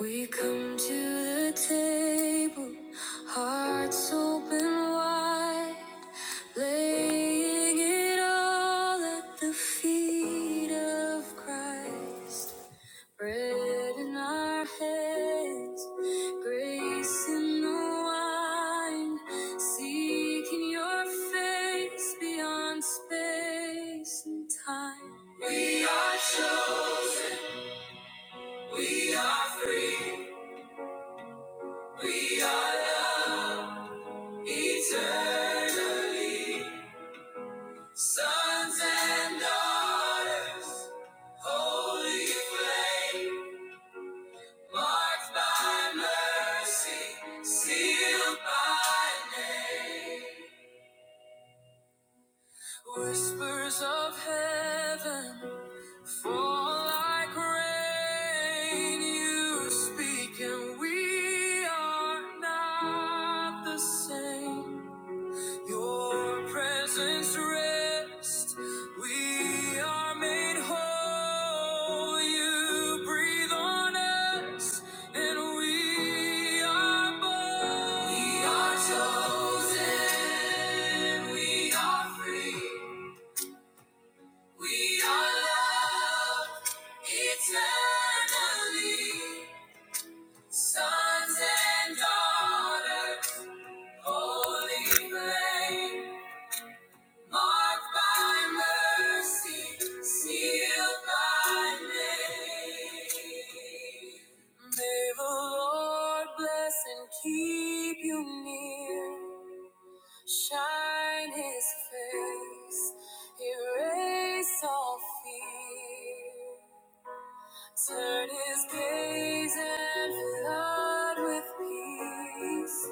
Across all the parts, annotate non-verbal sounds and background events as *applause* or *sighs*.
We come to the table, hearts open wide, laying it all at the feet of Christ. Bread in our hands, grace in the wine, seeking your face beyond space and time. We are chosen, we are free. We are loved eternally, sons and daughters, holy flame, marked by mercy, sealed by name. Whispers of heaven fall like rain. You speak, and we are not the same. Your presence rest. We are made whole. You breathe on us, and we are born. We are chosen. We are free. We are loved eternally. Sons and daughters, holy flame. Marked by mercy, sealed by name. May the Lord bless and keep you near. Shine his face, erase all fear. Turn his gaze and flood with peace.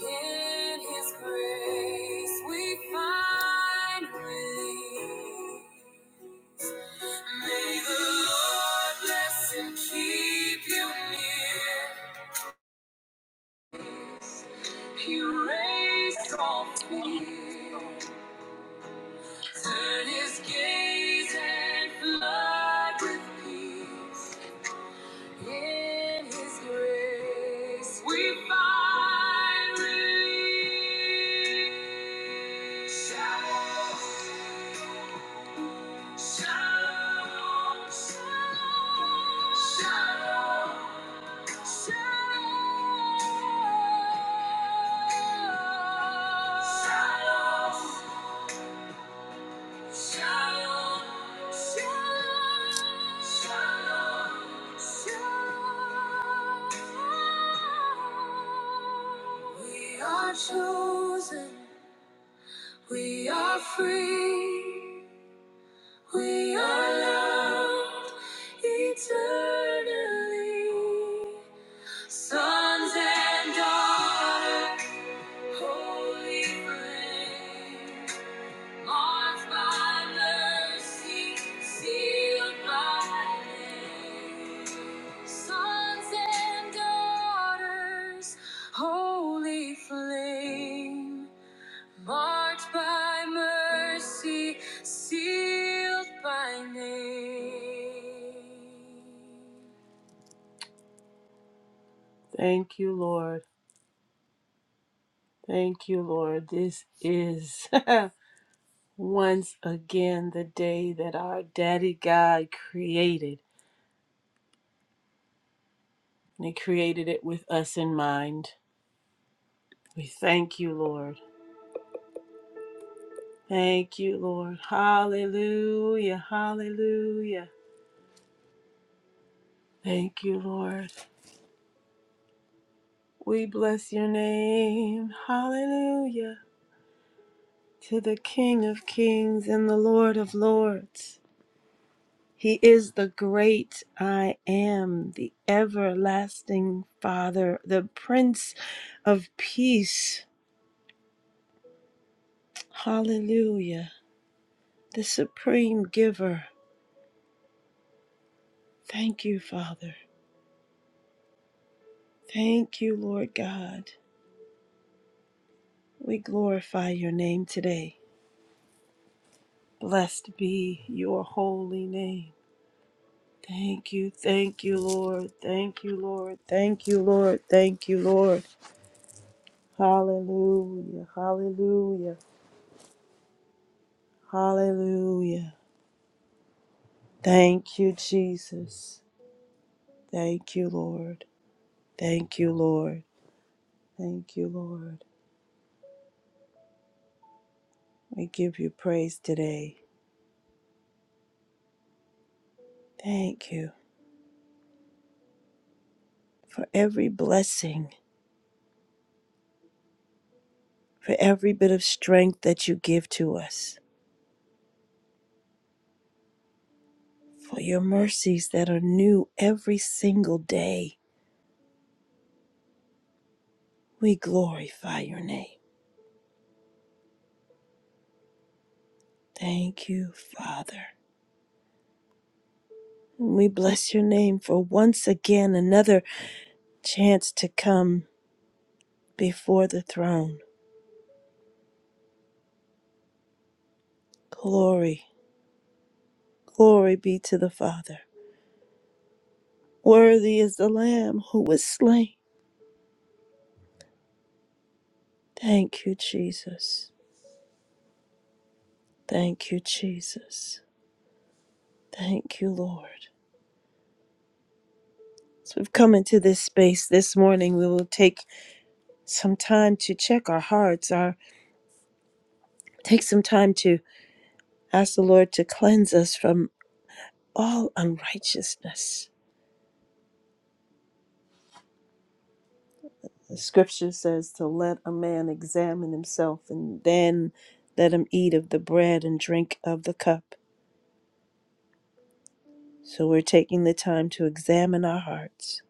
In His grace we find release. May the Lord bless and keep you near. He raised all fear. Turn His gaze and flood with peace. In His grace, we find relief. Shalom, shalom, shalom, shalom, shalom. Shalom, shalom, shalom, shalom. We are chosen, we are free, we are loved eternally. Sons and daughters, holy flame. Marked by mercy, sealed by name. Sons and daughters, holy flame. Marked by mercy, sealed by name. Thank you, Lord. Thank you, Lord. This is *laughs* once again the day that our Daddy God created. and He created it with us in mind. We thank you, Lord. Thank you, Lord. Hallelujah. Hallelujah. Thank you, Lord. We bless your name. Hallelujah. To the King of Kings and the Lord of Lords. He is the great I am, the everlasting Father, the Prince of Peace. Hallelujah. The supreme giver. Thank you, Father. Thank you, Lord God. We glorify your name today. Blessed be your holy name. Thank you, thank you, Lord. Thank you, Lord. Thank you, Lord. Thank you, Lord. Hallelujah, hallelujah, hallelujah. Thank you, Jesus. Thank you, Lord. Thank you, Lord. Thank you, Lord. We give you praise today. Thank you for every blessing for every bit of strength that you give to us, for your mercies that are new every single day. We glorify your name. Thank you, Father. We bless your name for once again another chance to come before the throne. Glory, glory be to the Father. Worthy is the Lamb who was slain. Thank you, Jesus. Thank you, Jesus. Thank you, Lord. As we've come into this space this morning, we will take some time to check our hearts, our take some time to ask the Lord to cleanse us from all unrighteousness. The scripture says to let a man examine himself and then let him eat of the bread and drink of the cup. So we're taking the time to examine our hearts.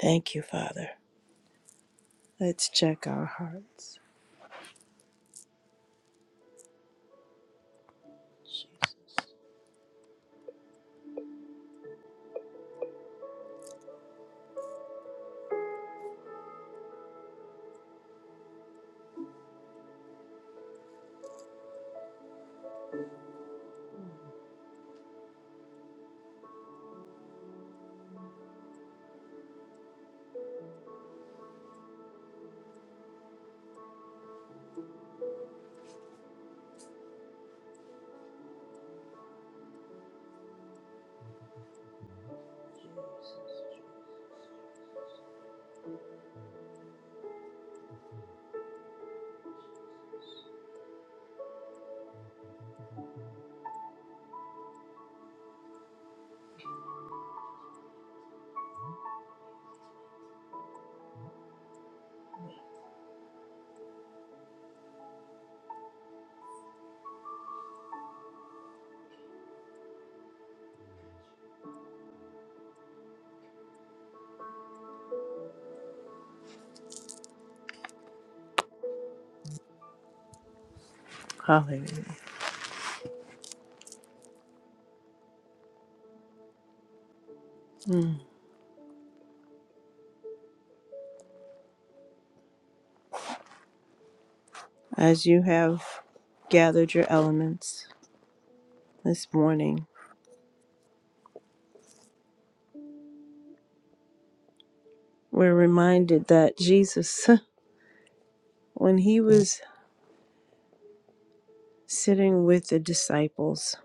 Thank you, Father. Let's check our hearts. Jesus. Hallelujah. Mm. As you have gathered your elements, this morning, we're reminded that Jesus, *laughs* when he was sitting with the disciples,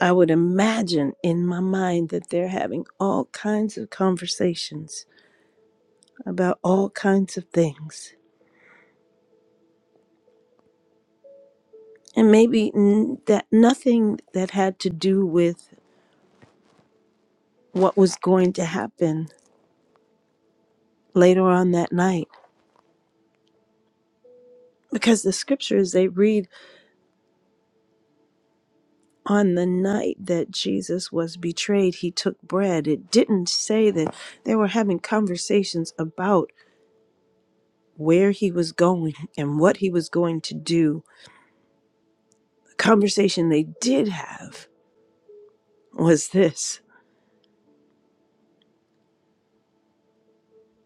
I would imagine in my mind that they're having all kinds of conversations about all kinds of things. And maybe n- that nothing that had to do with what was going to happen later on that night. Because the scriptures they read on the night that Jesus was betrayed, he took bread. It didn't say that they were having conversations about where he was going *laughs* and what he was going to do. The conversation they did have was this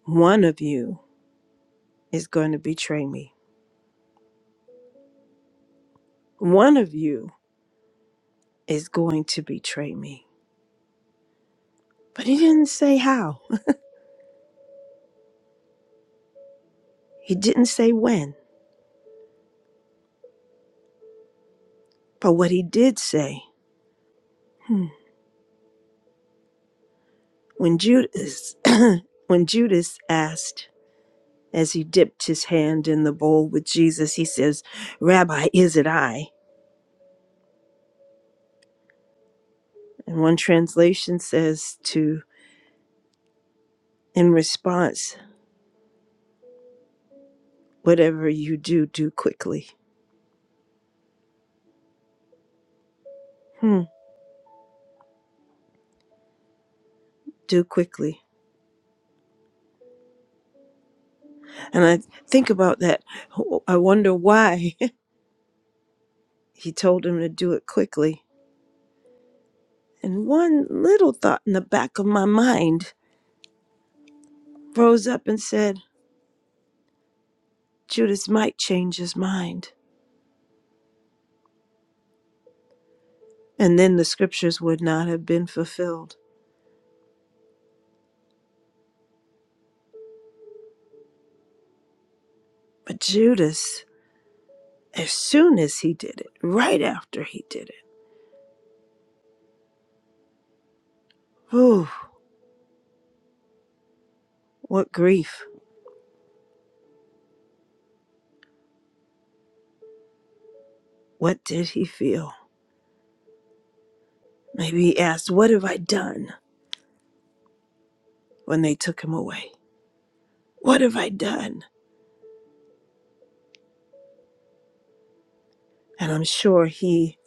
one of you is going to betray me, one of you is going to betray me. But he didn't say how, he didn't say when. But what he did say, hmm, when Judas, *clears throat* when Judas asked, As he dipped his hand in the bowl with Jesus, he says, Rabbi, is it I? And one translation says to, in response, whatever you do, do quickly. Hmm, do quickly. And I think about that. I wonder why *laughs* he told him to do it quickly. And one little thought in the back of my mind rose up and said, Judas might change his mind. And then the scriptures would not have been fulfilled. But Judas as soon as he did it, right after he did it. ooh, what grief. What did he feel? Maybe he asked, What have I done when they took him away? What have I done? And I'm sure he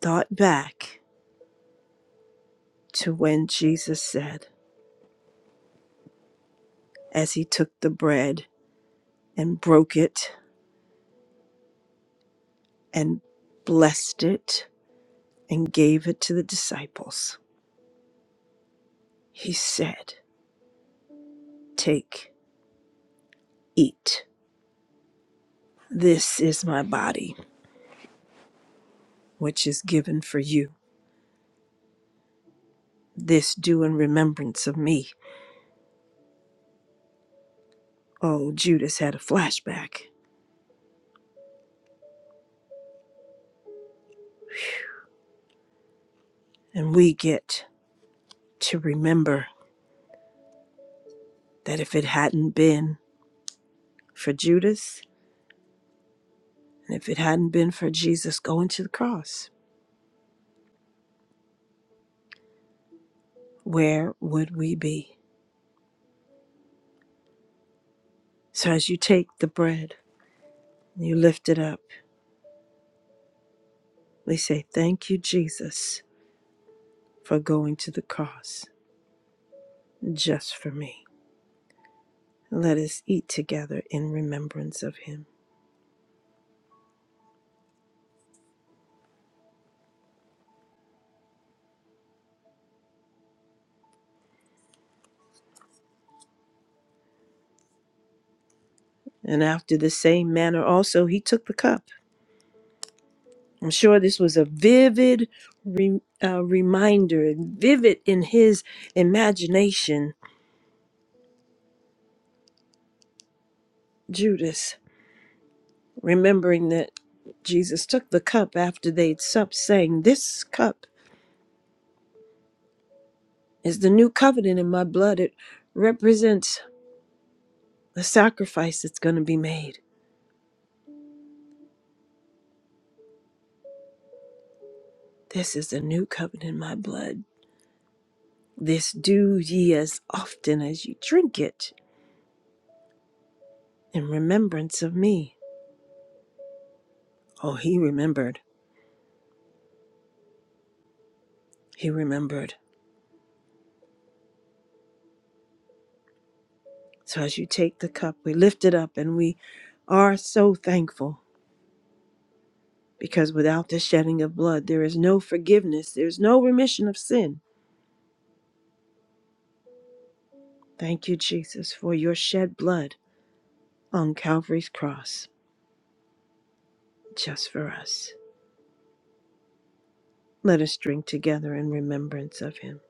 thought back to when Jesus said, as he took the bread and broke it and blessed it and gave it to the disciples, he said, Take, eat. This is my body, which is given for you. This do in remembrance of me. Oh, Judas had a flashback. And we get to remember that if it hadn't been for Judas, and if it hadn't been for Jesus going to the cross, where would we be? So as you take the bread and you lift it up, we say, Thank you, Jesus, for going to the cross just for me. Let us eat together in remembrance of him. And after the same manner also, he took the cup I'm sure this was a vivid re- uh, reminder, vivid in his imagination. Judas, remembering that Jesus took the cup after they'd supped, saying, This cup is the new covenant in my blood. It represents the sacrifice that's going to be made. This is the new covenant in my blood. This do ye as often as you drink it in remembrance of me. Oh, he remembered. He remembered. So as you take the cup, we lift it up and we are so thankful because without the shedding of blood, there is no forgiveness, there's no remission of sin. Thank you, Jesus, for your shed blood on Calvary's cross just for us. Let us drink together in remembrance of him.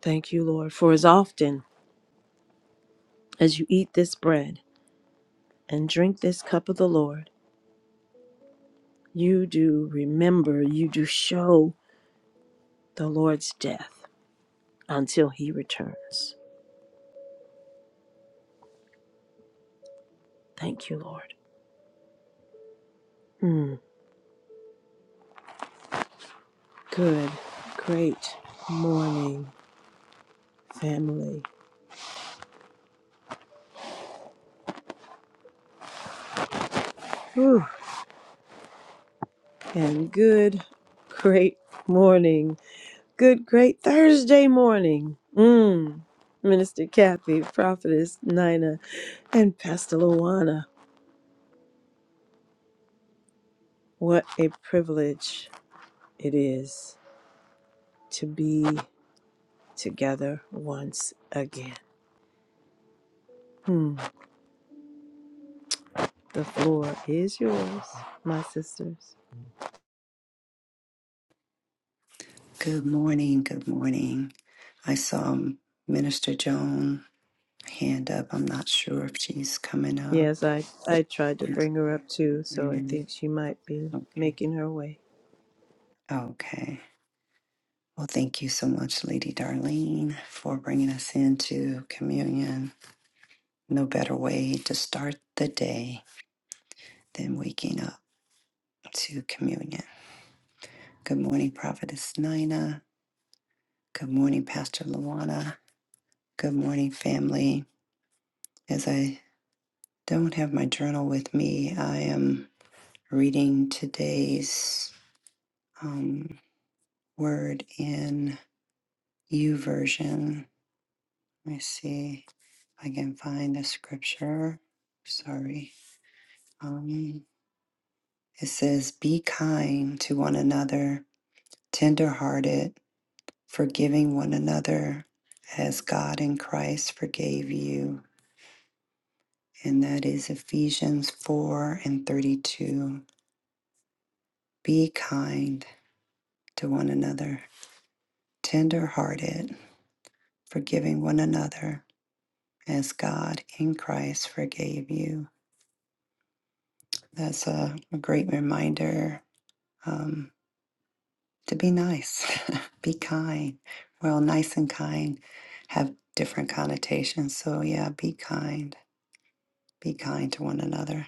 Thank you, Lord, for as often as you eat this bread and drink this cup of the Lord, you do remember, you do show the Lord's death until he returns. Thank you, Lord. Mm, good, great morning, family. Whew. And good, great morning. Good, great Thursday morning. Mm, Minister Kathy, Prophetess Nina, and Pastor Luana. What a privilege it is to be together once again. Mm, the floor is yours, my sisters. Good morning. Good morning. I saw um, Minister Joan hand up. I'm not sure if she's coming up. Yes, I I tried to Yes. bring her up too, so I Mm, think she might be Okay. making her way. Okay. Well, thank you so much, Lady Darlene, for bringing us into communion. No better way to start the day than waking up to communion. Good morning, Prophetess Nina. Good morning, Pastor Luana. Good morning, family. As I don't have my journal with me, I am. reading today's um, word in U version. Let me see if I can find the scripture. Sorry. Um, it says, Be kind to one another, tenderhearted, forgiving one another, as God in Christ forgave you. And that is Ephesians 4 and 32. Be kind to one another, tenderhearted, forgiving one another as God in Christ forgave you. That's a, a great reminder um, to be nice, *laughs* be kind. Well, nice and kind have different connotations. So, yeah, be kind, be kind to one another.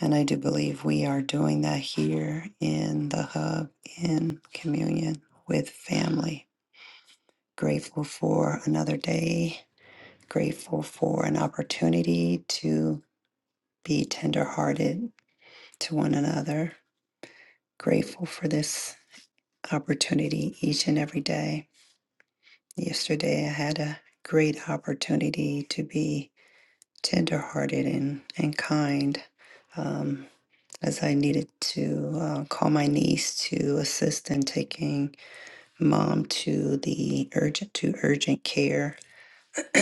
And I do believe we are doing that here in the hub in communion with family. Grateful for another day, grateful for an opportunity to be tenderhearted to one another Grateful for this opportunity each and every day. Yesterday, I had a great opportunity to be tenderhearted and, and kind um, as I needed to uh, call my niece to assist in taking mom to the urgent to urgent care *clears throat*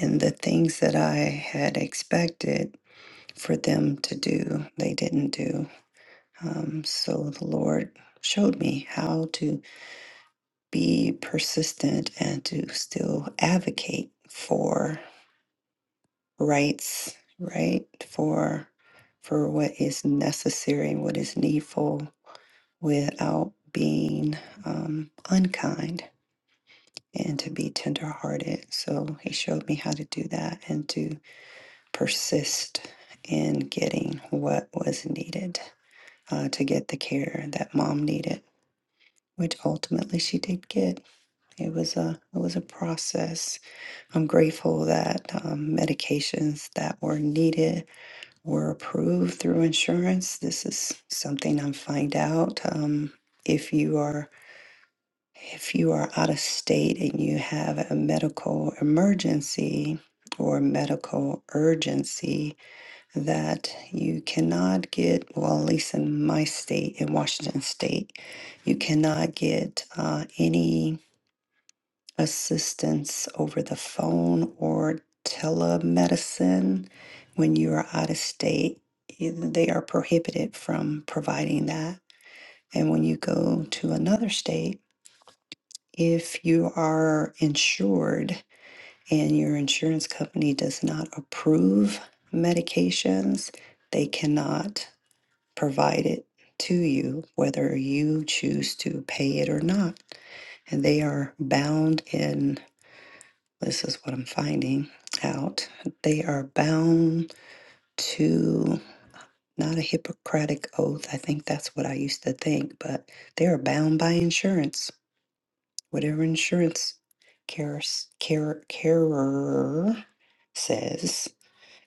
and the things that I had expected for them to do, they didn't do. Um, so the Lord showed me how to be persistent and to still advocate for rights, right? For for what is necessary and what is needful without being um, unkind and to be tenderhearted. So he showed me how to do that and to persist in getting what was needed uh, to get the care that mom needed, which ultimately she did get. It was a it was a process I'm grateful that um, medications that were needed were approved through insurance. This is something I'm find out um, if you are if you are out of state and you have a medical emergency or medical urgency that you cannot get well at least in my state in washington state you cannot get uh, any assistance over the phone or telemedicine when you are out of state. eh, They are prohibited from providing that. And when you go to another state, if you are insured and your insurance company does not approve medications, they cannot provide it to you, whether you choose to pay it or not. And they are bound in This is what I'm finding out. They are bound to not a Hippocratic oath. I think that's what I used to think, but they are bound by insurance. Whatever insurance carer, carer, carer says.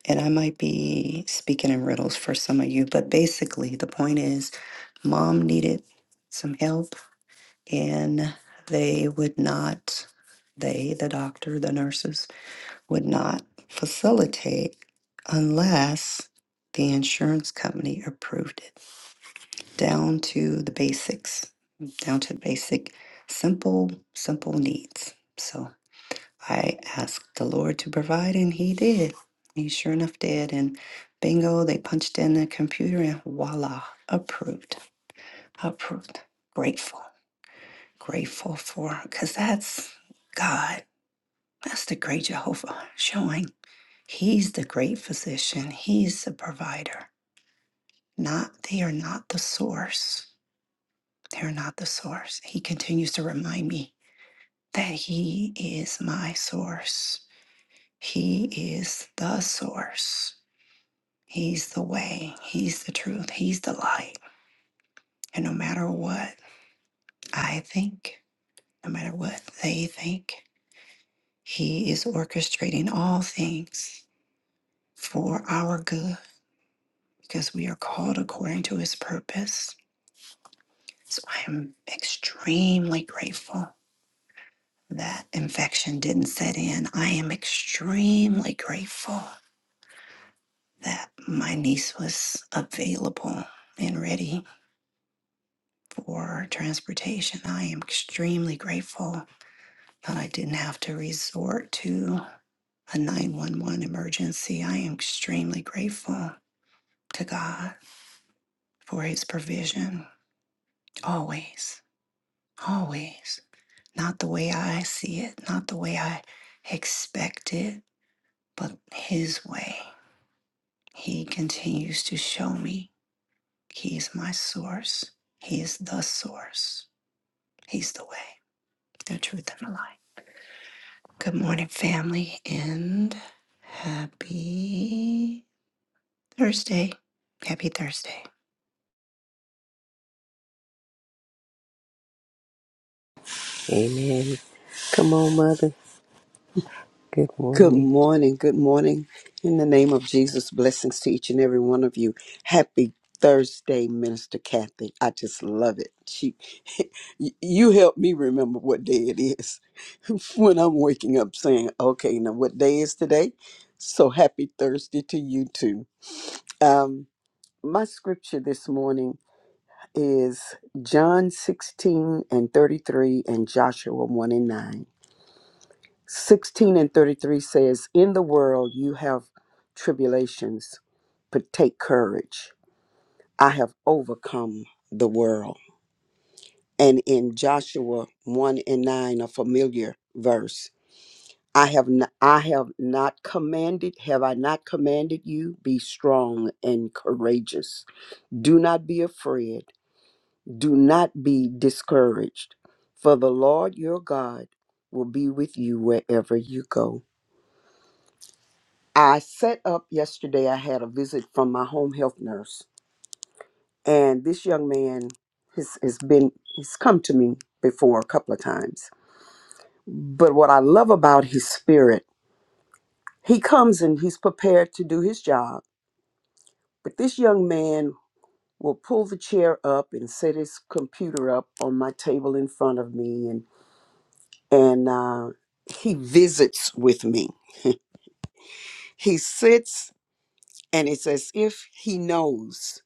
And I might be speaking in riddles for some of you, but basically the point is mom needed some help and they would not, they, the doctor, the nurses, would not facilitate unless the insurance company approved it down to the basics, down to basic, simple, simple needs. So I asked the Lord to provide, and He did. He sure enough did. And bingo, they punched in the computer, and voila, approved, approved. Grateful, grateful for, because that's God. That's the great Jehovah showing He's the great physician. He's the provider. Not they are not the source. They're not the source. He continues to remind me that he is my source. He is the source. He's the way. He's the truth. He's the light. And no matter what I think, no matter what they think, he is orchestrating all things for our good because we are called according to his purpose So I'm extremely grateful that infection didn't set in. I am extremely grateful that my niece was available and ready for transportation. I am extremely grateful that I didn't have to resort to a 911 emergency. I am extremely grateful to God for his provision always, always. Not the way I see it, not the way I expect it, but His way. He continues to show me He is my source. He is the source. He's the way, the truth, and the light. Good morning, family, and happy Thursday. Happy Thursday. Amen. Come on, Mother. Good Good morning. morning. Good morning. In the name of Jesus, blessings to each and every one of you. Happy Thursday, Minister Kathy. I just love it. She, *laughs* y- you help me remember what day it is *laughs* when I'm waking up saying, okay, now what day is today? So happy Thursday to you too. Um, my scripture this morning is John 16 and 33 and Joshua 1 and 9. 16 and 33 says, In the world you have tribulations, but take courage. I have overcome the world. And in Joshua 1 and 9, a familiar verse, I have n- I have not commanded, have I not commanded you? Be strong and courageous. Do not be afraid. Do not be discouraged. For the Lord your God will be with you wherever you go. I set up yesterday. I had a visit from my home health nurse, and this young man has, has been he's come to me before a couple of times. But what I love about his spirit, he comes and he's prepared to do his job. But this young man will pull the chair up and set his computer up on my table in front of me, and and uh, he visits with me. He sits, and it's as if he knows.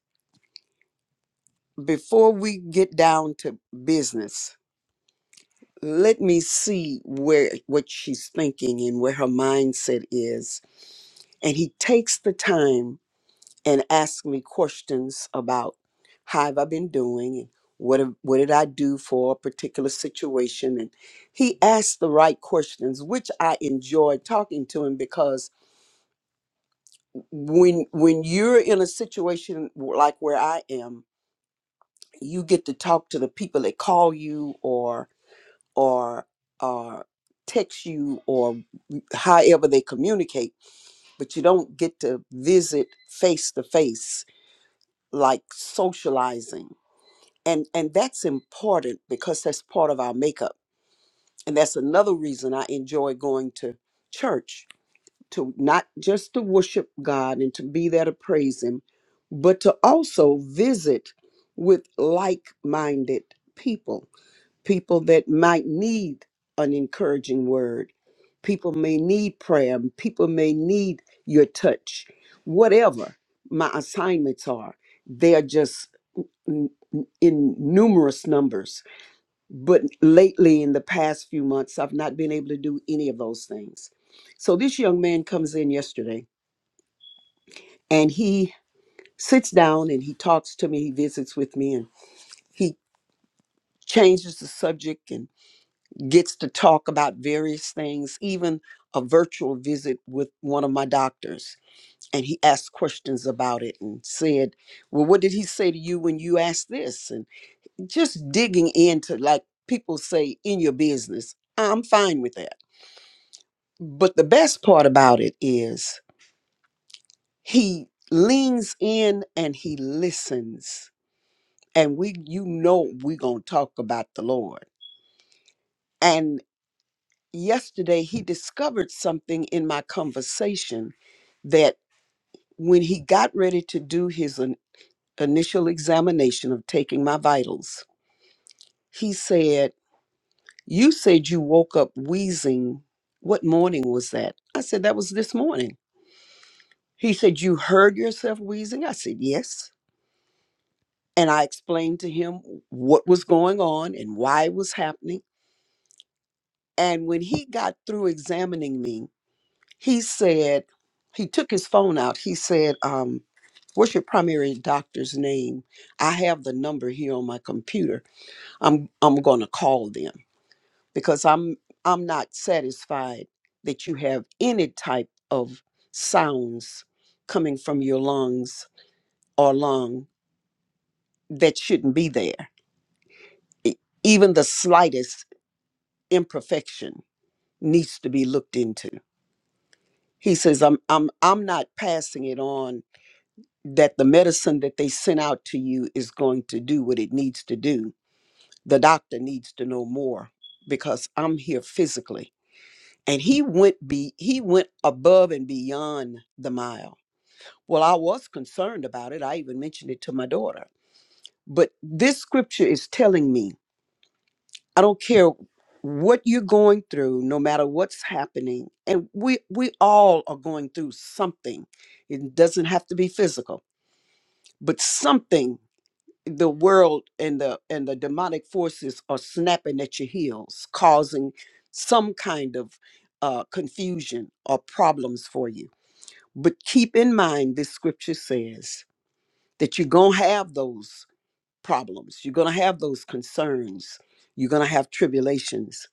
before we get down to business, let me see where what she's thinking and where her mindset is. And he takes the time and asks me questions about how have I been doing and what have- what did I do for a particular situation and he asked the right questions which I enjoy talking to him because when when you're in a situation like where I am you get to talk to the people that call you or. or or text you or however they communicate but you don't get to visit face to face like socializing and and that's important because that's part of our makeup and that's another reason i enjoy going to church to not just to worship god and to be there to praise him but to also visit with like-minded people people that might need an encouraging word. People may need prayer. People may need your touch. Whatever my assignments are, they are just n- n- in numerous numbers. But lately, in the past few months, I've not been able to do any of those things. So this young man comes in yesterday and he sits down and he talks to me, he visits with me, and he changes the subject. gets to talk about various things, even a virtual visit with one of my doctors. And he asked questions about it and said, Well, what did he say to you when you asked this? And just digging into, like people say, in your business. I'm fine with that. But the best part about it is he leans in and he listens. And we, you know, we're going to talk about the Lord. yesterday he discovered something in my conversation that when he got ready to do his in- initial examination of taking my vitals, he said, You said you woke up wheezing. What morning was that? I said, That was this morning. He said, You heard yourself wheezing? I said, Yes. And I explained to him what was going on and why it was happening. And when he got through examining me, He said, he took his phone out. He said, um, What's your primary doctor's name? I have the number here on my computer. I'm I'm gonna call them because I'm I'm not satisfied that you have any type of sounds coming from your lungs or lung that shouldn't be there. E- Even the slightest imperfection needs to be looked into. He says, I'm I'm I'm not passing it on that the medicine that they sent out to you is going to do what it needs to do. The doctor needs to know more because I'm here physically. And he went be he went above and beyond the mile. Well, I was concerned about it. I even mentioned it to my daughter. But this scripture is telling me, I don't care what you're going through, no matter what's happening, and we we all are going through something. It doesn't have to be physical, but something the world and the and the demonic forces are snapping at your heels causing some kind of uh, confusion or problems for you but keep in mind this scripture says that you're going to have those problems you're going to have those concerns you're going to have tribulations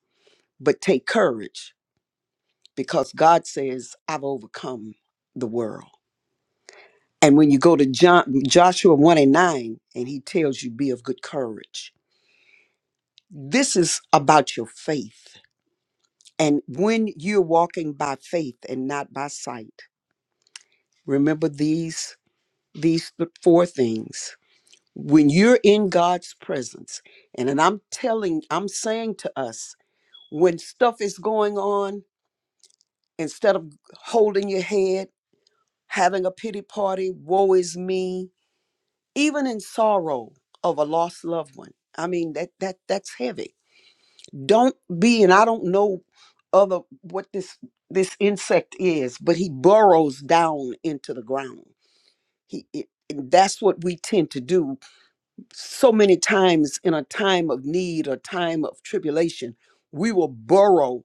but take courage because god says i've overcome the world and when you go to John, joshua 1 and 9 and he tells you be of good courage this is about your faith. And when you're walking by faith and not by sight, remember these these th- four things. When you're in God's presence, and, and I'm telling, I'm saying to us, when stuff is going on, instead of holding your head, having a pity party, woe is me, even in sorrow of a lost loved one. I mean, that that that's heavy don't be and i don't know other what this this insect is but he burrows down into the ground he it, and that's what we tend to do so many times in a time of need or time of tribulation we will burrow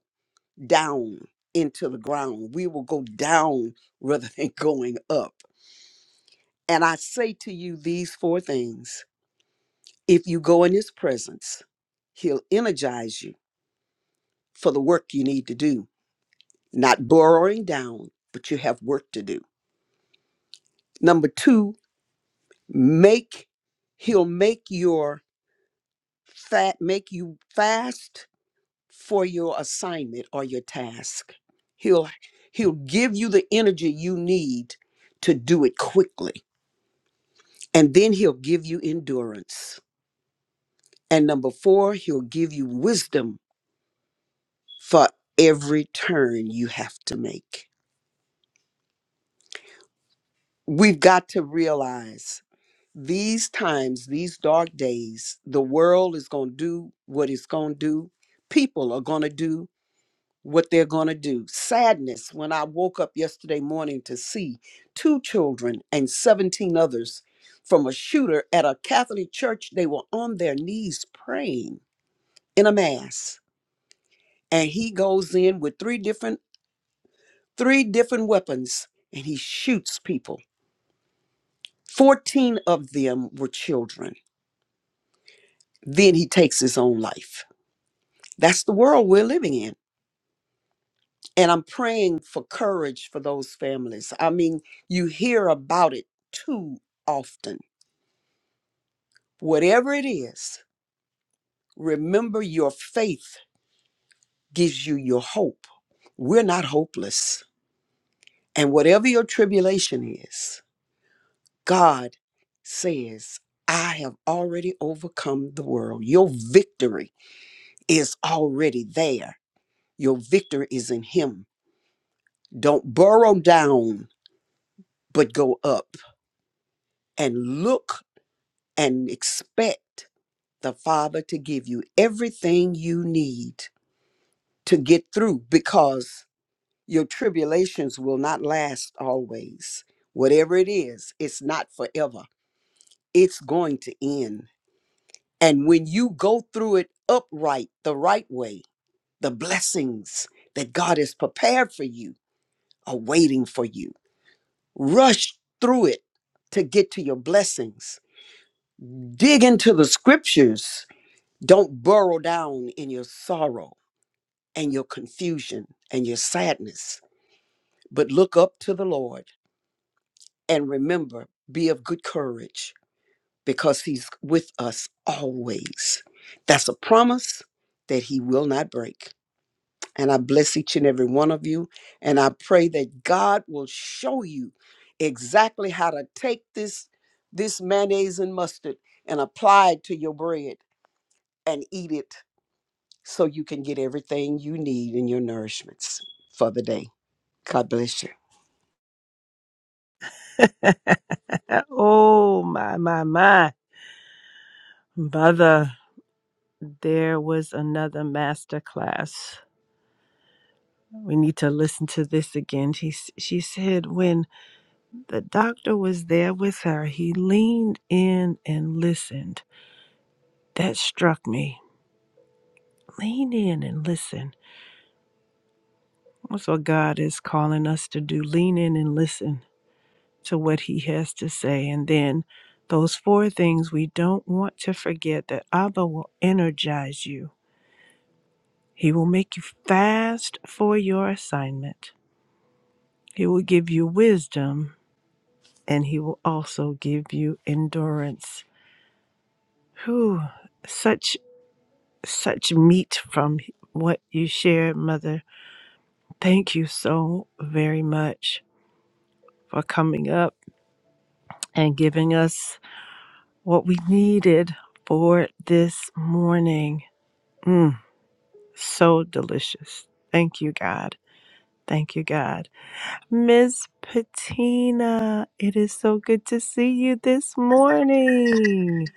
down into the ground we will go down rather than *laughs* going up and i say to you these four things if you go in his presence he'll energize you for the work you need to do not borrowing down, but you have work to do. Number two, make he'll make your fat make you fast for your assignment or your task. He'll he'll give you the energy you need to do it quickly. And then he'll give you endurance. And number four, he'll give you wisdom for every turn you have to make. We've got to realize these times, these dark days, the world is going to do what it's going to do. People are going to do what they're going to do. Sadness when I woke up yesterday morning to see two children and 17 others from a shooter at a Catholic church. They were on their knees praying in a mass. And he goes in with three different three different weapons and he shoots people. 14 of them were children. Then he takes his own life that's the world we're living in. And I'm praying for courage for those families. I mean, you hear about it too often. Whatever it is, remember your faith gives you your hope. We're not hopeless. And whatever your tribulation is, God says, I have already overcome the world. Your victory is already there. Your victory is in Him. Don't burrow down, but go up and look and expect the Father to give you everything you need to get through because your tribulations will not last always. Whatever it is, it's not forever, it's going to end. And when you go through it upright, the right way, the blessings that God has prepared for you are waiting for you. Rush through it to get to your blessings. Dig into the scriptures Don't burrow down in your sorrow and your confusion and your sadness, but look up to the Lord and remember, be of good courage because He's with us always. That's a promise that He will not break. And I bless each and every one of you. And I pray that God will show you exactly how to take this, this mayonnaise and mustard and apply it to your bread and eat it so you can get everything you need in your nourishments for the day. God bless you. *laughs* Oh my my my mother. There was another master class. We need to listen to this again. She s- she said when the doctor was there with her, he leaned in and listened. That struck me. Lean in and listen. That's what God is calling us to do. Lean in and listen to what he has to say. And then those four things we don't want to forget that Abba will energize you. He will make you fast for your assignment. He will give you wisdom and he will also give you endurance. Whew, such such meat from what you shared, Mother. Thank you so very much for coming up and giving us what we needed for this morning. Mm. So delicious. Thank you, God. Thank you, God. Miss Patina, it is so good to see you this morning.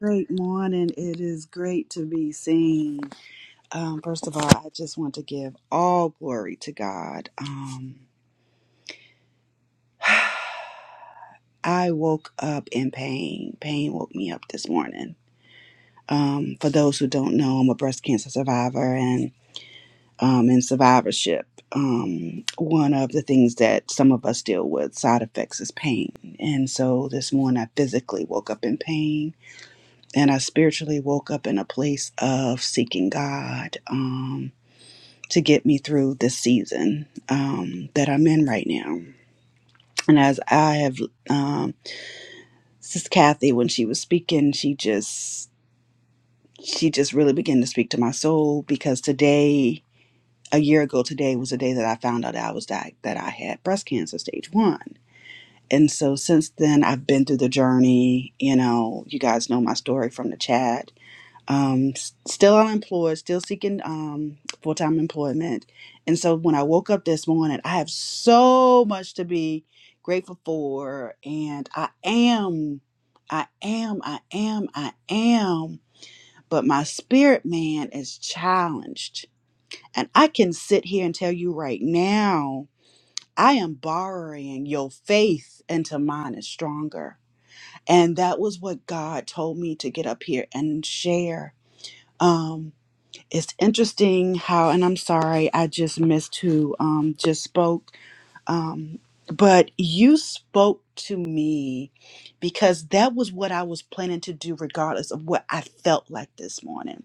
Great morning. It is great to be seen. Um, first of all, I just want to give all glory to God. Um, I woke up in pain. Pain woke me up this morning. Um, for those who don't know, I'm a breast cancer survivor, and um, in survivorship, um, one of the things that some of us deal with side effects is pain. And so this morning, I physically woke up in pain, and I spiritually woke up in a place of seeking God. Um, to get me through this season um, that I'm in right now. And as I have, um, Sis Kathy, when she was speaking, she just she just really began to speak to my soul because today, a year ago today, was the day that I found out that I was di- that I had breast cancer stage one. And so since then, I've been through the journey. You know, you guys know my story from the chat um, s- still unemployed, still seeking um, full time employment. And so when I woke up this morning, I have so much to be grateful for. And I am, I am, I am, I am. But my spirit man is challenged. And I can sit here and tell you right now, I am borrowing your faith into mine is stronger. And that was what God told me to get up here and share. Um, it's interesting how and i'm sorry i just missed who um just spoke um but you spoke to me because that was what i was planning to do regardless of what i felt like this morning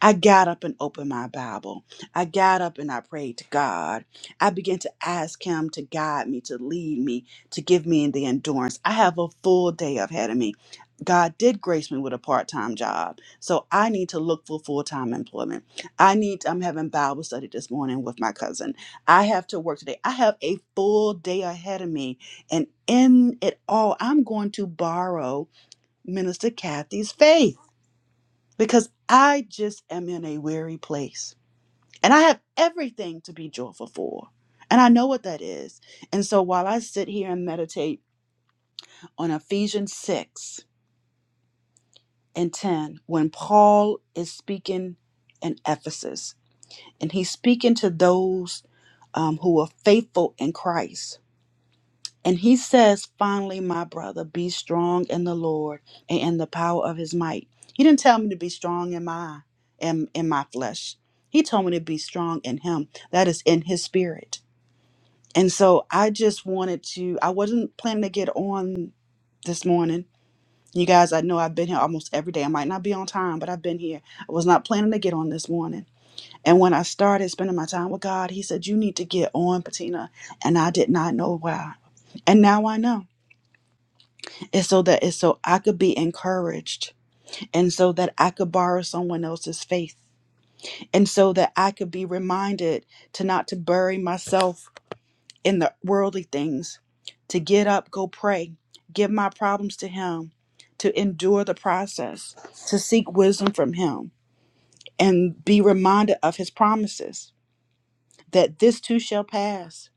I got up and opened my Bible. I got up and I prayed to God. I began to ask Him to guide me, to lead me, to give me the endurance. I have a full day ahead of me. God did grace me with a part time job. So I need to look for full time employment. I need, I'm having Bible study this morning with my cousin. I have to work today. I have a full day ahead of me. And in it all, I'm going to borrow Minister Kathy's faith because I just am in a weary place and I have everything to be joyful for. And I know what that is. And so while I sit here and meditate on Ephesians 6 and 10, when Paul is speaking in Ephesus and he's speaking to those um, who are faithful in Christ, And he says, finally, my brother, be strong in the Lord and in the power of his might. He didn't tell me to be strong in my in, in my flesh. He told me to be strong in him. That is in his spirit. And so I just wanted to, I wasn't planning to get on this morning. You guys, I know I've been here almost every day. I might not be on time, but I've been here. I was not planning to get on this morning. And when I started spending my time with God, he said, You need to get on, Patina. And I did not know why. And now I know. It's so that it's so I could be encouraged and so that I could borrow someone else's faith and so that I could be reminded to not to bury myself in the worldly things, to get up, go pray, give my problems to him, to endure the process, to seek wisdom from him and be reminded of his promises that this too shall pass.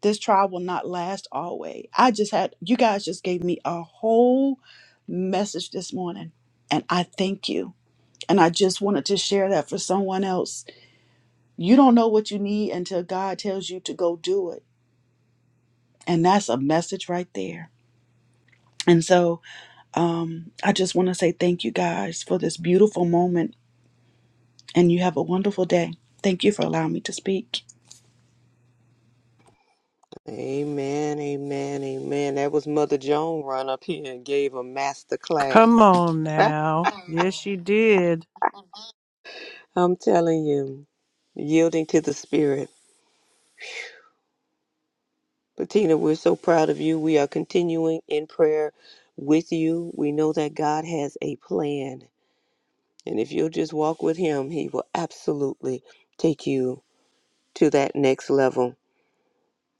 This trial will not last always. I just had, you guys just gave me a whole message this morning, and I thank you. And I just wanted to share that for someone else. You don't know what you need until God tells you to go do it. And that's a message right there. And so um, I just want to say thank you guys for this beautiful moment, and you have a wonderful day. Thank you for allowing me to speak. Amen, amen, amen. That was Mother Joan run up here and gave a master Come class. on now. Yes, you did. I'm telling you, yielding to the Spirit. Bettina, we're so proud of you. We are continuing in prayer with you. We know that God has a plan. And if you'll just walk with Him, He will absolutely take you to that next level.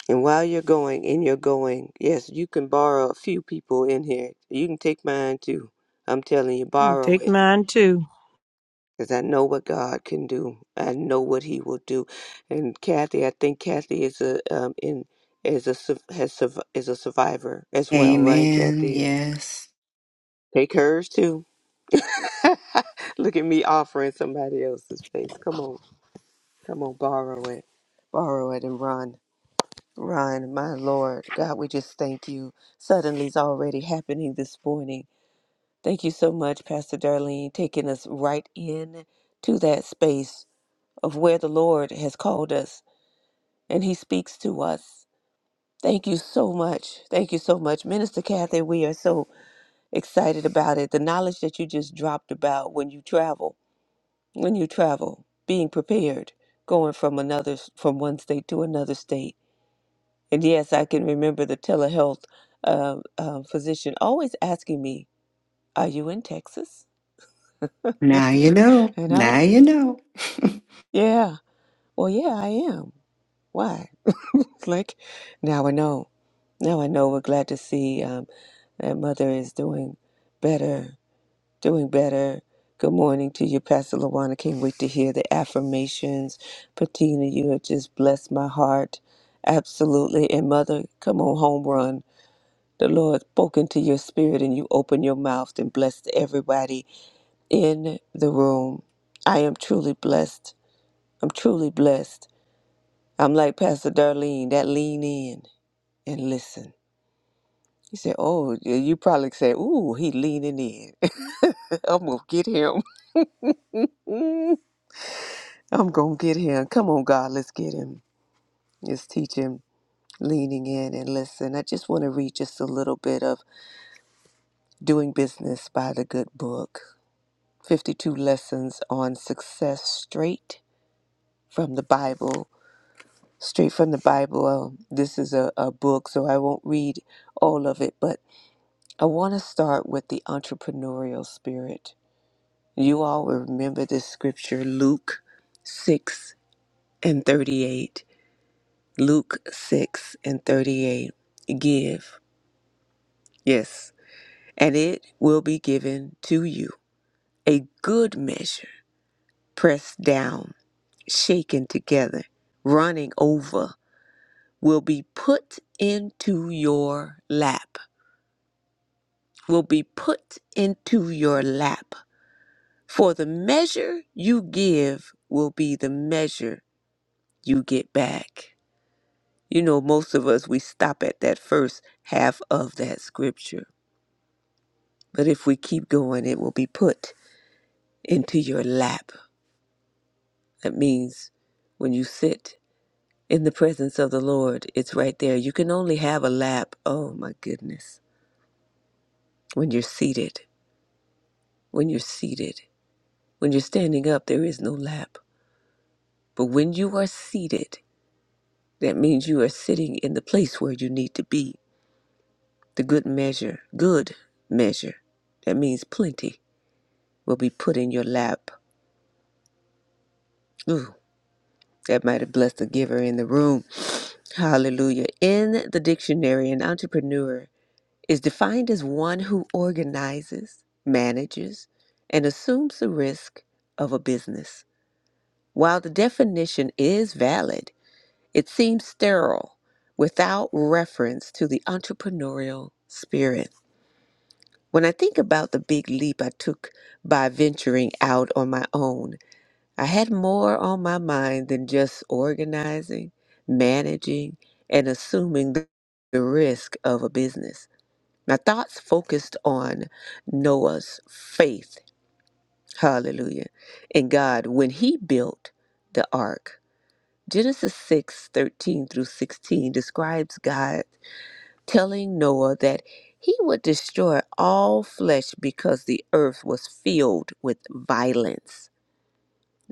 And while you're going, and you're going, yes, you can borrow a few people in here. You can take mine too. I'm telling you, Hmm, borrow Take it. mine too. Because I know what God can do. I know what He will do. And Kathy, I think Kathy is a um in is a su- has surv- is a survivor as well, right? Amen. Kathy is Yes. take hers too. *laughs* Look at me offering somebody else's space. Come on, come on, borrow it, borrow it, and run. Ryan, my Lord, God, we just thank you. Suddenly it's already happening this morning. Thank you so much, Pastor Darlene, taking us right in to that space of where the Lord has called us and He speaks to us. Thank you so much. Thank you so much, Minister Kathy. We are so excited about it. The knowledge that you just dropped about when you travel, when you travel, being prepared, going from another from one state to another state And yes, I can remember the telehealth um um physician always asking me, Are you in Texas? Now you know. And I, Now Okay. you know. yeah, well, yeah, I am. Why? It's like, now I know. Now I know. We're glad to see um, that mother is doing better, doing better. Good morning to you, Pastor Lawana. Can't wait to hear the affirmations. Patina, you have just blessed my heart. Absolutely. And mother, come on, home run. the Lord spoke into your spirit and you opened your mouth and blessed everybody in the room. I am truly blessed. I'm truly blessed. I'm like Pastor Darlene, that lean in and listen. You say, oh, yeah, you probably say, ooh, he leaning in. *laughs* I'm going to get him. *laughs* I'm going to get him. Come on, God, let's get him. Let's teach him leaning in and listen. I just want to read just a little bit of Doing Business by the Good Book. 52 lessons on success straight from the Bible, straight from the Bible. Um, this is a, a book, so I won't read all of it, but I want to start with the entrepreneurial spirit. You all will remember this scripture, Luke 6 and 38. Luke 6 and 38. Give, yes, and it will be given to you. A good measure, pressed down, shaken together, running over will be put into your lap, will be put into your lap. For the measure you give will be the measure you get back. You know, most of us, we stop at that first half of that scripture. But if we keep going, it will be put into your lap. That means when you sit in the presence of the Lord, it's right there. You can only have a lap. Oh my goodness. When you're seated, when you're seated. When you're standing up, there is no lap. But when you are seated, that means you are sitting in the place where you need to be. The good measure, good measure, that means plenty, will be put in your lap. Ooh, that might have blessed the giver in the room. *sighs* Hallelujah. In the dictionary, an entrepreneur is defined as one who organizes, manages, and assumes the risk of a business. While the definition is valid, It seems sterile without reference to the entrepreneurial spirit. When I think about the big leap I took by venturing out on my own, I had more on my mind than just organizing, managing, and assuming the the risk of a business. My thoughts focused on Noah's faith, hallelujah, in God when he built the ark. Genesis 6 13 through 16 describes God telling Noah that he would destroy all flesh because the earth was filled with violence.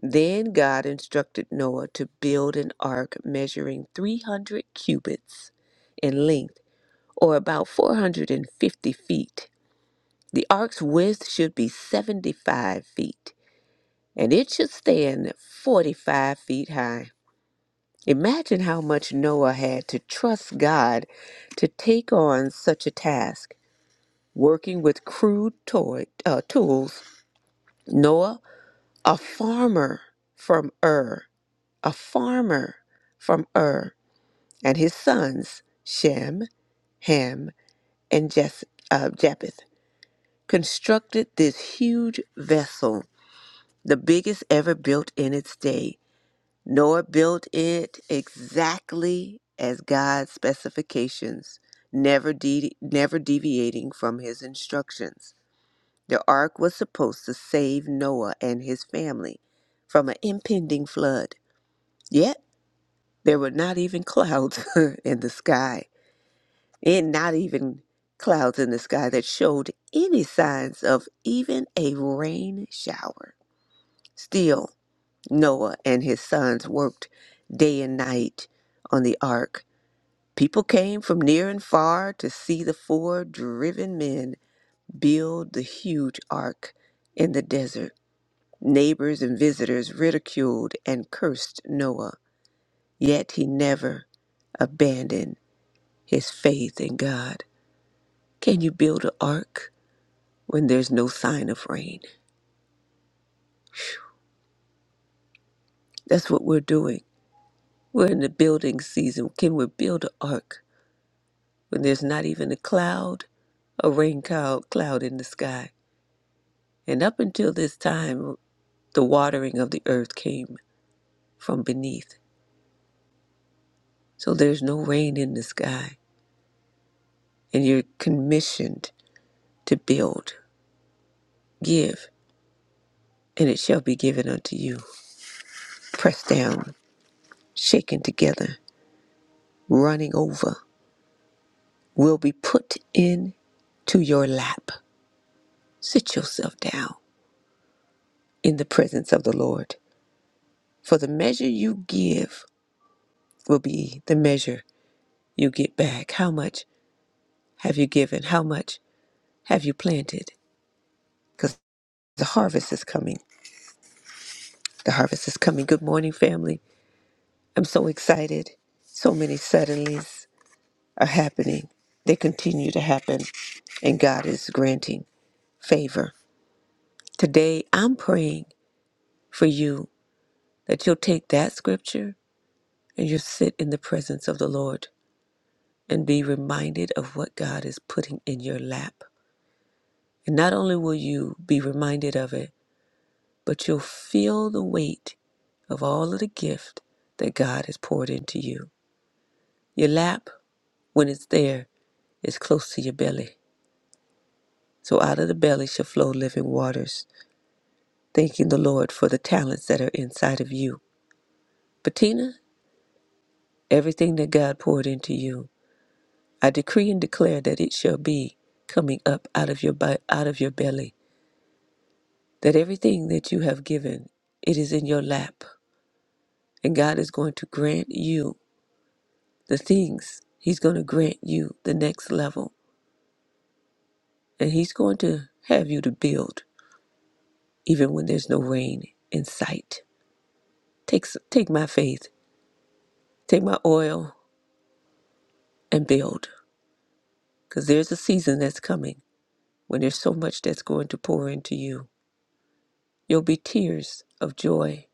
Then God instructed Noah to build an ark measuring 300 cubits in length, or about 450 feet. The ark's width should be 75 feet, and it should stand 45 feet high. Imagine how much Noah had to trust God to take on such a task. Working with crude toy, uh, tools, Noah, a farmer from Ur, a farmer from Ur, and his sons, Shem, Ham, and Jes- uh, Japheth, constructed this huge vessel, the biggest ever built in its day. Noah built it exactly as God's specifications, never, de- never deviating from his instructions. The ark was supposed to save Noah and his family from an impending flood. Yet, there were not even clouds *laughs* in the sky, and not even clouds in the sky that showed any signs of even a rain shower. Still, Noah and his sons worked day and night on the ark. People came from near and far to see the four driven men build the huge ark in the desert. Neighbors and visitors ridiculed and cursed Noah, yet he never abandoned his faith in God. Can you build an ark when there's no sign of rain? That's what we're doing. We're in the building season. Can we build an ark when there's not even a cloud, a rain cloud, cloud in the sky. And up until this time, the watering of the earth came from beneath. So there's no rain in the sky. And you're commissioned to build, give, and it shall be given unto you. Pressed down, shaken together, running over, will be put in to your lap. Sit yourself down in the presence of the Lord. For the measure you give will be the measure you get back? How much have you given? How much have you planted? Because the harvest is coming. The harvest is coming. Good morning, family. I'm so excited. So many suddenlies are happening. They continue to happen, and God is granting favor. Today, I'm praying for you that you'll take that scripture and you'll sit in the presence of the Lord and be reminded of what God is putting in your lap. And not only will you be reminded of it, but you'll feel the weight of all of the gift that God has poured into you. Your lap, when it's there, is close to your belly. So out of the belly shall flow living waters. Thanking the Lord for the talents that are inside of you. Bettina, everything that God poured into you, I decree and declare that it shall be coming up out of your bi- out of your belly. That everything that you have given, it is in your lap, and God is going to grant you the things. He's going to grant you the next level, and He's going to have you to build even when there's no rain in sight. Take, s- take my faith, take my oil, and build, because there's a season that's coming when there's so much that's going to pour into you. You'll be tears of joy.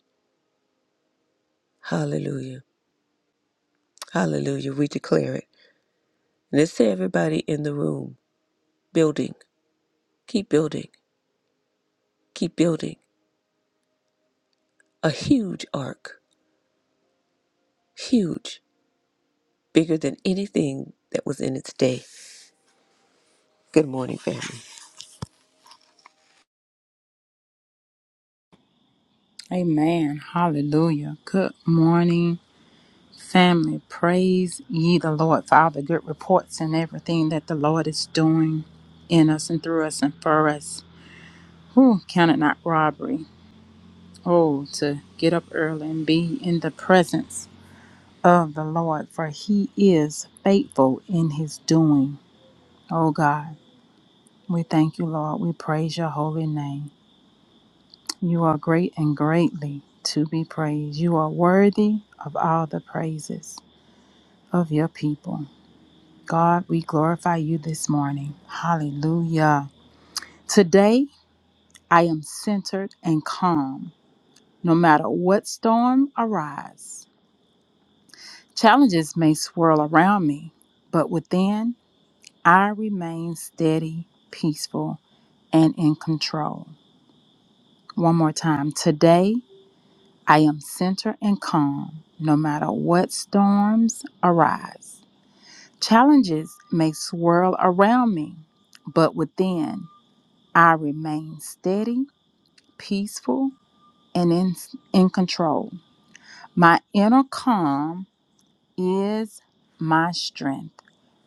Hallelujah. Hallelujah. We declare it. And let's say everybody in the room building, keep building, keep building a huge ark, huge. bigger than anything that was in its day. Good morning, family. Amen. Hallelujah. Good morning, family. Praise ye the Lord for all the good reports and everything that the Lord is doing in us and through us and for us. Who count it not robbery? Oh, to get up early and be in the presence of the Lord, for he is faithful in his doing. Oh God, we thank you, Lord. We praise your holy name. You are great and greatly to be praised. You are worthy of all the praises. of your people. God, we glorify you this morning. Hallelujah. Today, I am centered and calm, no matter what storm arise. Challenges may swirl around me, but within, I remain steady, peaceful, and in control. One more time. Today, I am centered and calm, no matter what storms arise. Challenges may swirl around me, but within, I remain steady, peaceful, and in, in control. My inner calm is my strength,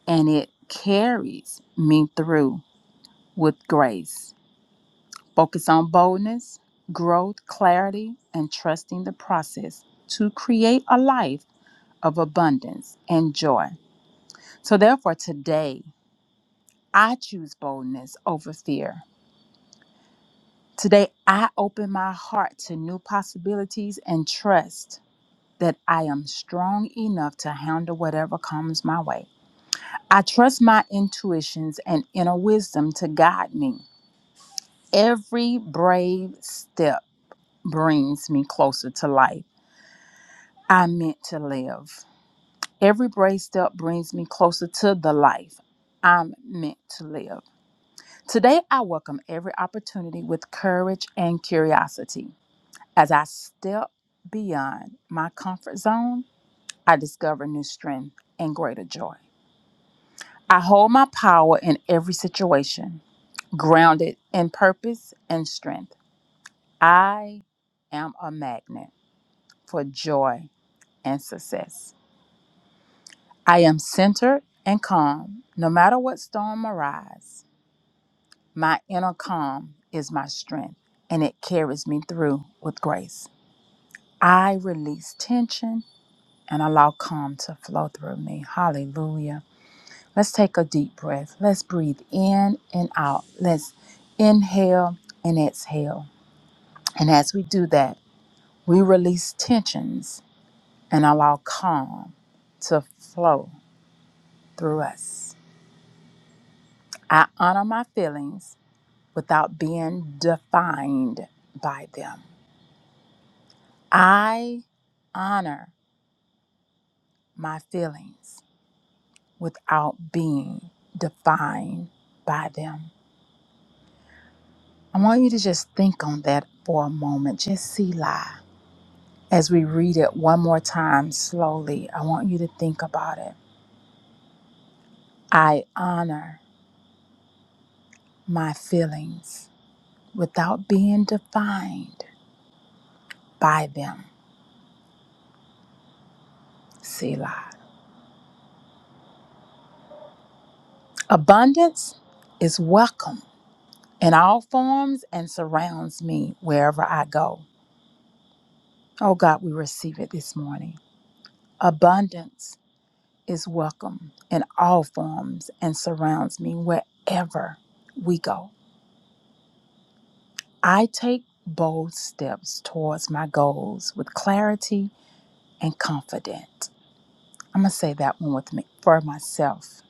and it carries me through with grace. Focus on boldness, growth, clarity, and trusting the process to create a life of abundance and joy. So, therefore, today I choose boldness over fear. Today I open my heart to new possibilities and trust that I am strong enough to handle whatever comes my way. I trust my intuitions and inner wisdom to guide me. Every brave step brings me closer to life I'm meant to live. Every brave step brings me closer to the life I'm meant to live. Today, I welcome every opportunity with courage and curiosity. As I step beyond my comfort zone, I discover new strength and greater joy. I hold my power in every situation, grounded in purpose and strength. I am a magnet for joy and success. I am centered and calm, no matter what storm arise. My inner calm is my strength, and it carries me through with grace. I release tension and allow calm to flow through me. Hallelujah. Let's take a deep breath. Let's breathe in and out. Let's inhale and exhale. And as we do that, we release tensions and allow calm to flow through us. I honor my feelings without being defined by them. I honor my feelings without being defined by them. I want you to just think on that for a moment. Just see lie. As we read it one more time slowly, I want you to think about it. I honor my feelings without being defined by them. Selah. Abundance is welcome in all forms and surrounds me wherever I go. Oh God, we receive it this morning. Abundance is welcome in all forms and surrounds me wherever we go. I take bold steps towards my goals with clarity and confidence. I'm going to say that one with me for myself.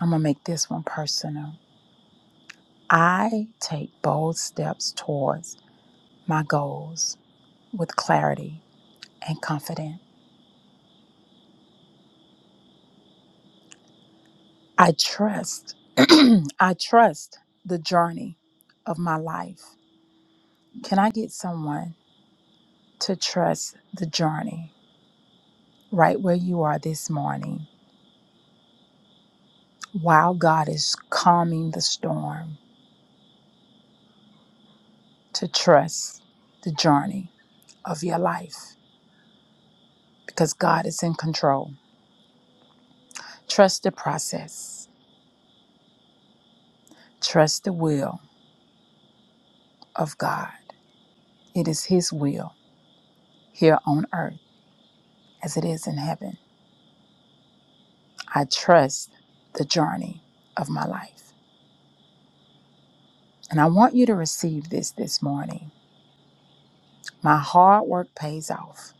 I'm going to make this one personal. I take bold steps towards my goals with clarity and confidence. I trust *clears throat* I trust the journey of my life. Can I get someone to trust the journey right where you are this morning? While God is calming the storm, to trust the journey of your life because God is in control. Trust the process, trust the will of God. It is His will here on earth as it is in heaven. I trust the journey of my life. And I want you to receive this this morning. My hard work pays off,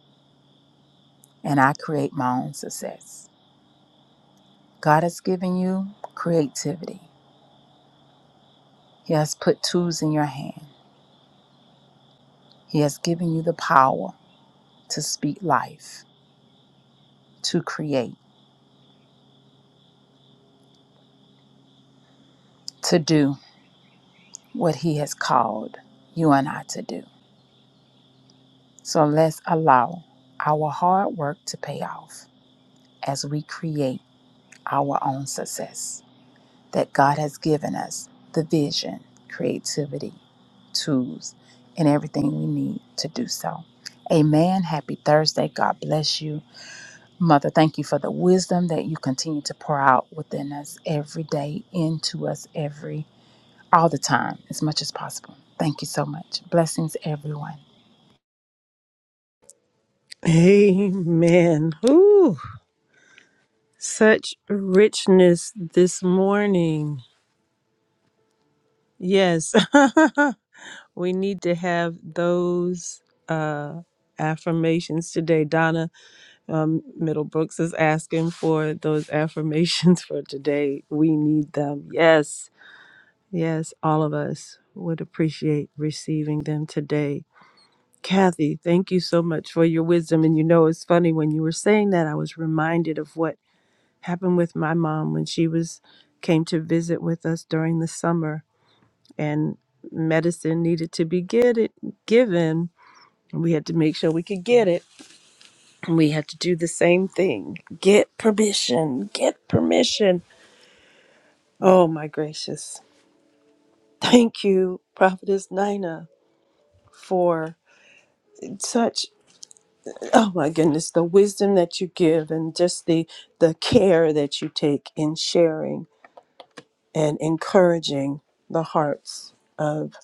and I create my own success. God has given you creativity. He has put tools in your hand. He has given you the power to speak life, to create, to do what He has called you and I to do. So let's allow our hard work to pay off as we create our own success. That God has given us the vision, creativity, tools, and everything we need to do so. Amen. Happy Thursday. God bless you. Mother, thank you for the wisdom that you continue to pour out within us every day, into us every, all the time, as much as possible. Thank you so much. Blessings, everyone. Amen. Ooh, such richness this morning. Yes. *laughs* we need to have those uh affirmations today donna Um, Middle Brooks is asking for those affirmations *laughs* for today. We need them. Yes, yes, all of us would appreciate receiving them today. Kathy, thank you so much for your wisdom. And you know, it's funny when you were saying that, I was reminded of what happened with my mom when she was came to visit with us during the summer, and medicine needed to be get it given. We had to make sure we could get it we had to do the same thing get permission get permission oh my gracious thank you prophetess nina for such oh my goodness the wisdom that you give and just the the care that you take in sharing and encouraging the hearts of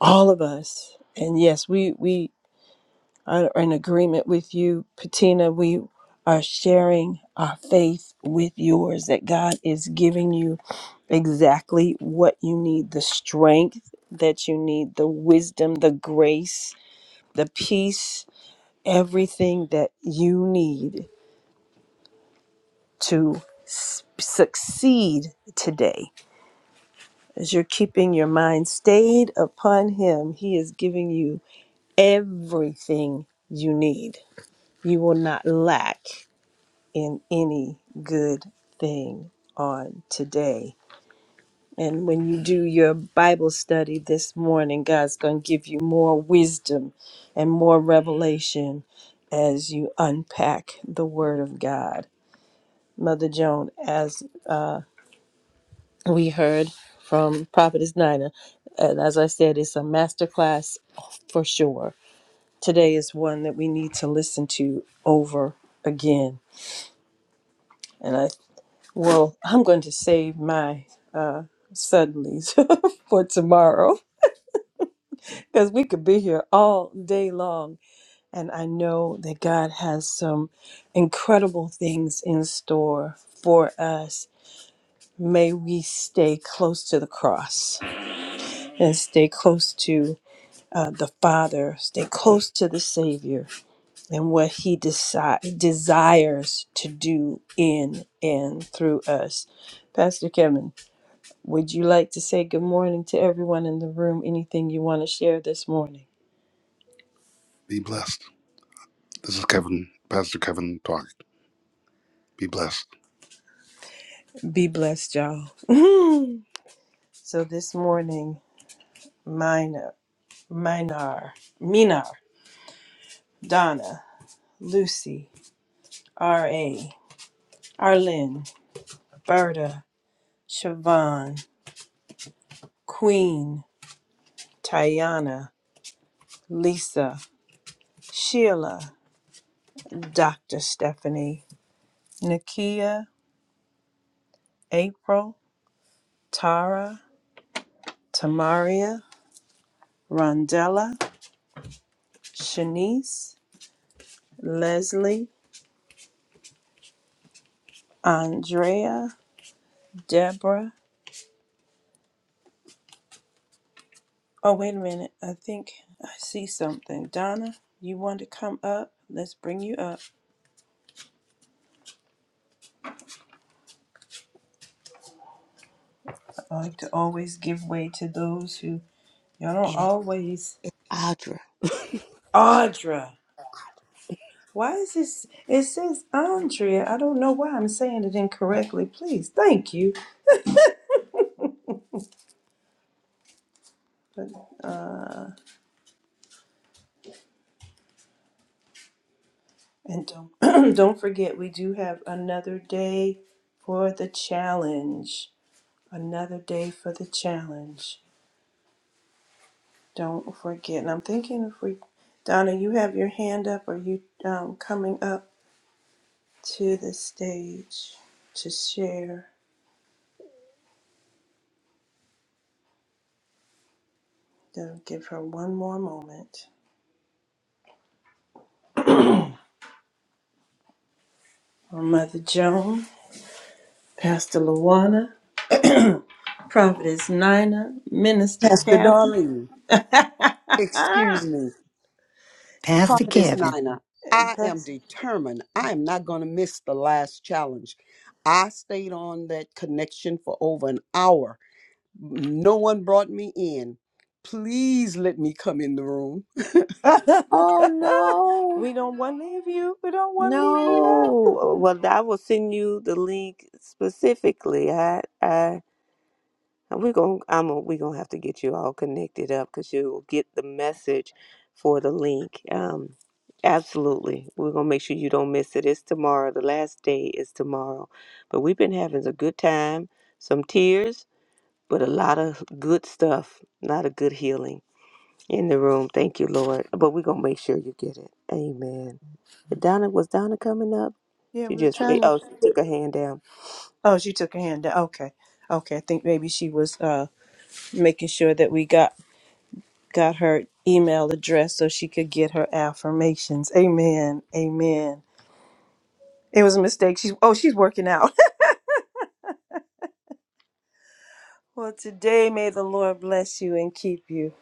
all of us and yes we we are in agreement with you, Patina. We are sharing our faith with yours that God is giving you exactly what you need the strength that you need, the wisdom, the grace, the peace, everything that you need to s- succeed today. As you're keeping your mind stayed upon Him, He is giving you everything you need. You will not lack in any good thing on today. And when you do your Bible study this morning, God's going to give you more wisdom and more revelation as you unpack the Word of God. Mother Joan, as uh, we heard from Prophetess Nina, and as I said, it's a masterclass for sure. Today is one that we need to listen to over again. and I. Well, I'm going to save my uh, suddenlies *laughs* for tomorrow because we could be here all day long. And I know that God has some incredible things in store for us. May we stay close to the cross and stay close to uh, the Father, stay close to the Savior and what He deci- desires to do in and through us. Pastor Kevin. Would you like to say good morning to everyone in the room? Anything you want to share this morning? Be blessed. This is Kevin, Pastor Kevin talking. Be blessed. Be blessed, y'all. *laughs* so this morning, Minor, Minar, Minar, Donna, Lucy, R.A., Arlene, Berta, Siobhan, Queen, Tayana, Lisa, Sheila, Dr. Stephanie, Nakia, April, Tara, Tamaria, Rondella, Shanice, Leslie, Andrea, Deborah. Oh, wait a minute. I think I see something. Donna, you want to come up? Let's bring you up. I like to always give way to those who y'all don't And it's, always. it's Audra. *laughs* Audra. Why is this? It says Andrea. I don't know why I'm saying it incorrectly. Please, thank you. But uh. And don't *clears throat* don't forget we do have another day for the challenge. Another day for the challenge. Don't forget. And I'm thinking if we Donna, you have your hand up or you um, coming up to the stage to share. Then give her one more moment. Our Mother Joan, Pastor Luana, Prophetess Nina, Minister Pastor Kathy. Darlene, excuse me, Pastor Prophetess *laughs* Kevin. Nina, I *laughs* am determined. I am not going to miss the last challenge. I stayed on that connection for over an hour. No one brought me in. Please let me come in the room. *laughs* Oh no, we don't want to leave you. We don't want to leave you no. out. Well, I will send you the link specifically. I, I And we're going I'm gonna we're gonna have to get you all connected up because you'll get the message for the link. Um, absolutely. We're gonna make sure you don't miss it. It's tomorrow. The last day is tomorrow. But we've been having a good time, some tears, but a lot of good stuff, a lot of good healing in the room. Thank you, Lord. But we're gonna make sure you get it. Amen. Donna was Donna coming up? Yeah, She we were just trying to. oh she took her hand down. Oh, she took her hand down. Okay. Okay. I think maybe she was uh, making sure that we got got her email address so she could get her affirmations. Amen. Amen. It was a mistake. She's oh, she's working out. *laughs* well, today may the Lord bless you and keep you.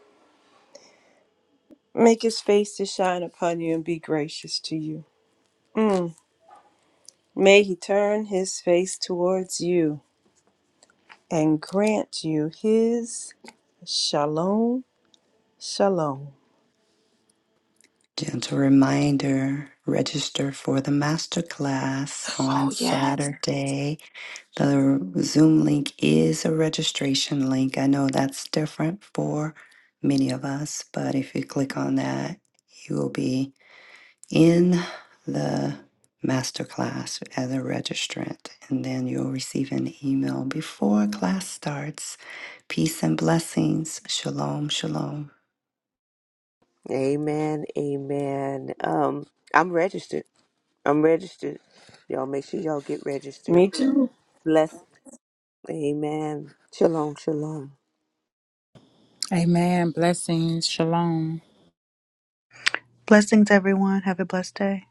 Make his face to shine upon you and be gracious to you. Mm. May he turn his face towards you and grant you his shalom. Shalom. Gentle reminder register for the masterclass on Oh, yes. Saturday. The Zoom link is a registration link. I know that's different for many of us, but if you click on that, you will be in the masterclass as a registrant, and then you'll receive an email before class starts. Peace and blessings. Shalom, shalom. Amen. Amen. Um I'm registered. I'm registered. Y'all make sure y'all get registered. Me too. Bless. Amen. Shalom, shalom. Amen. Blessings. Shalom. Blessings, everyone. Have a blessed day.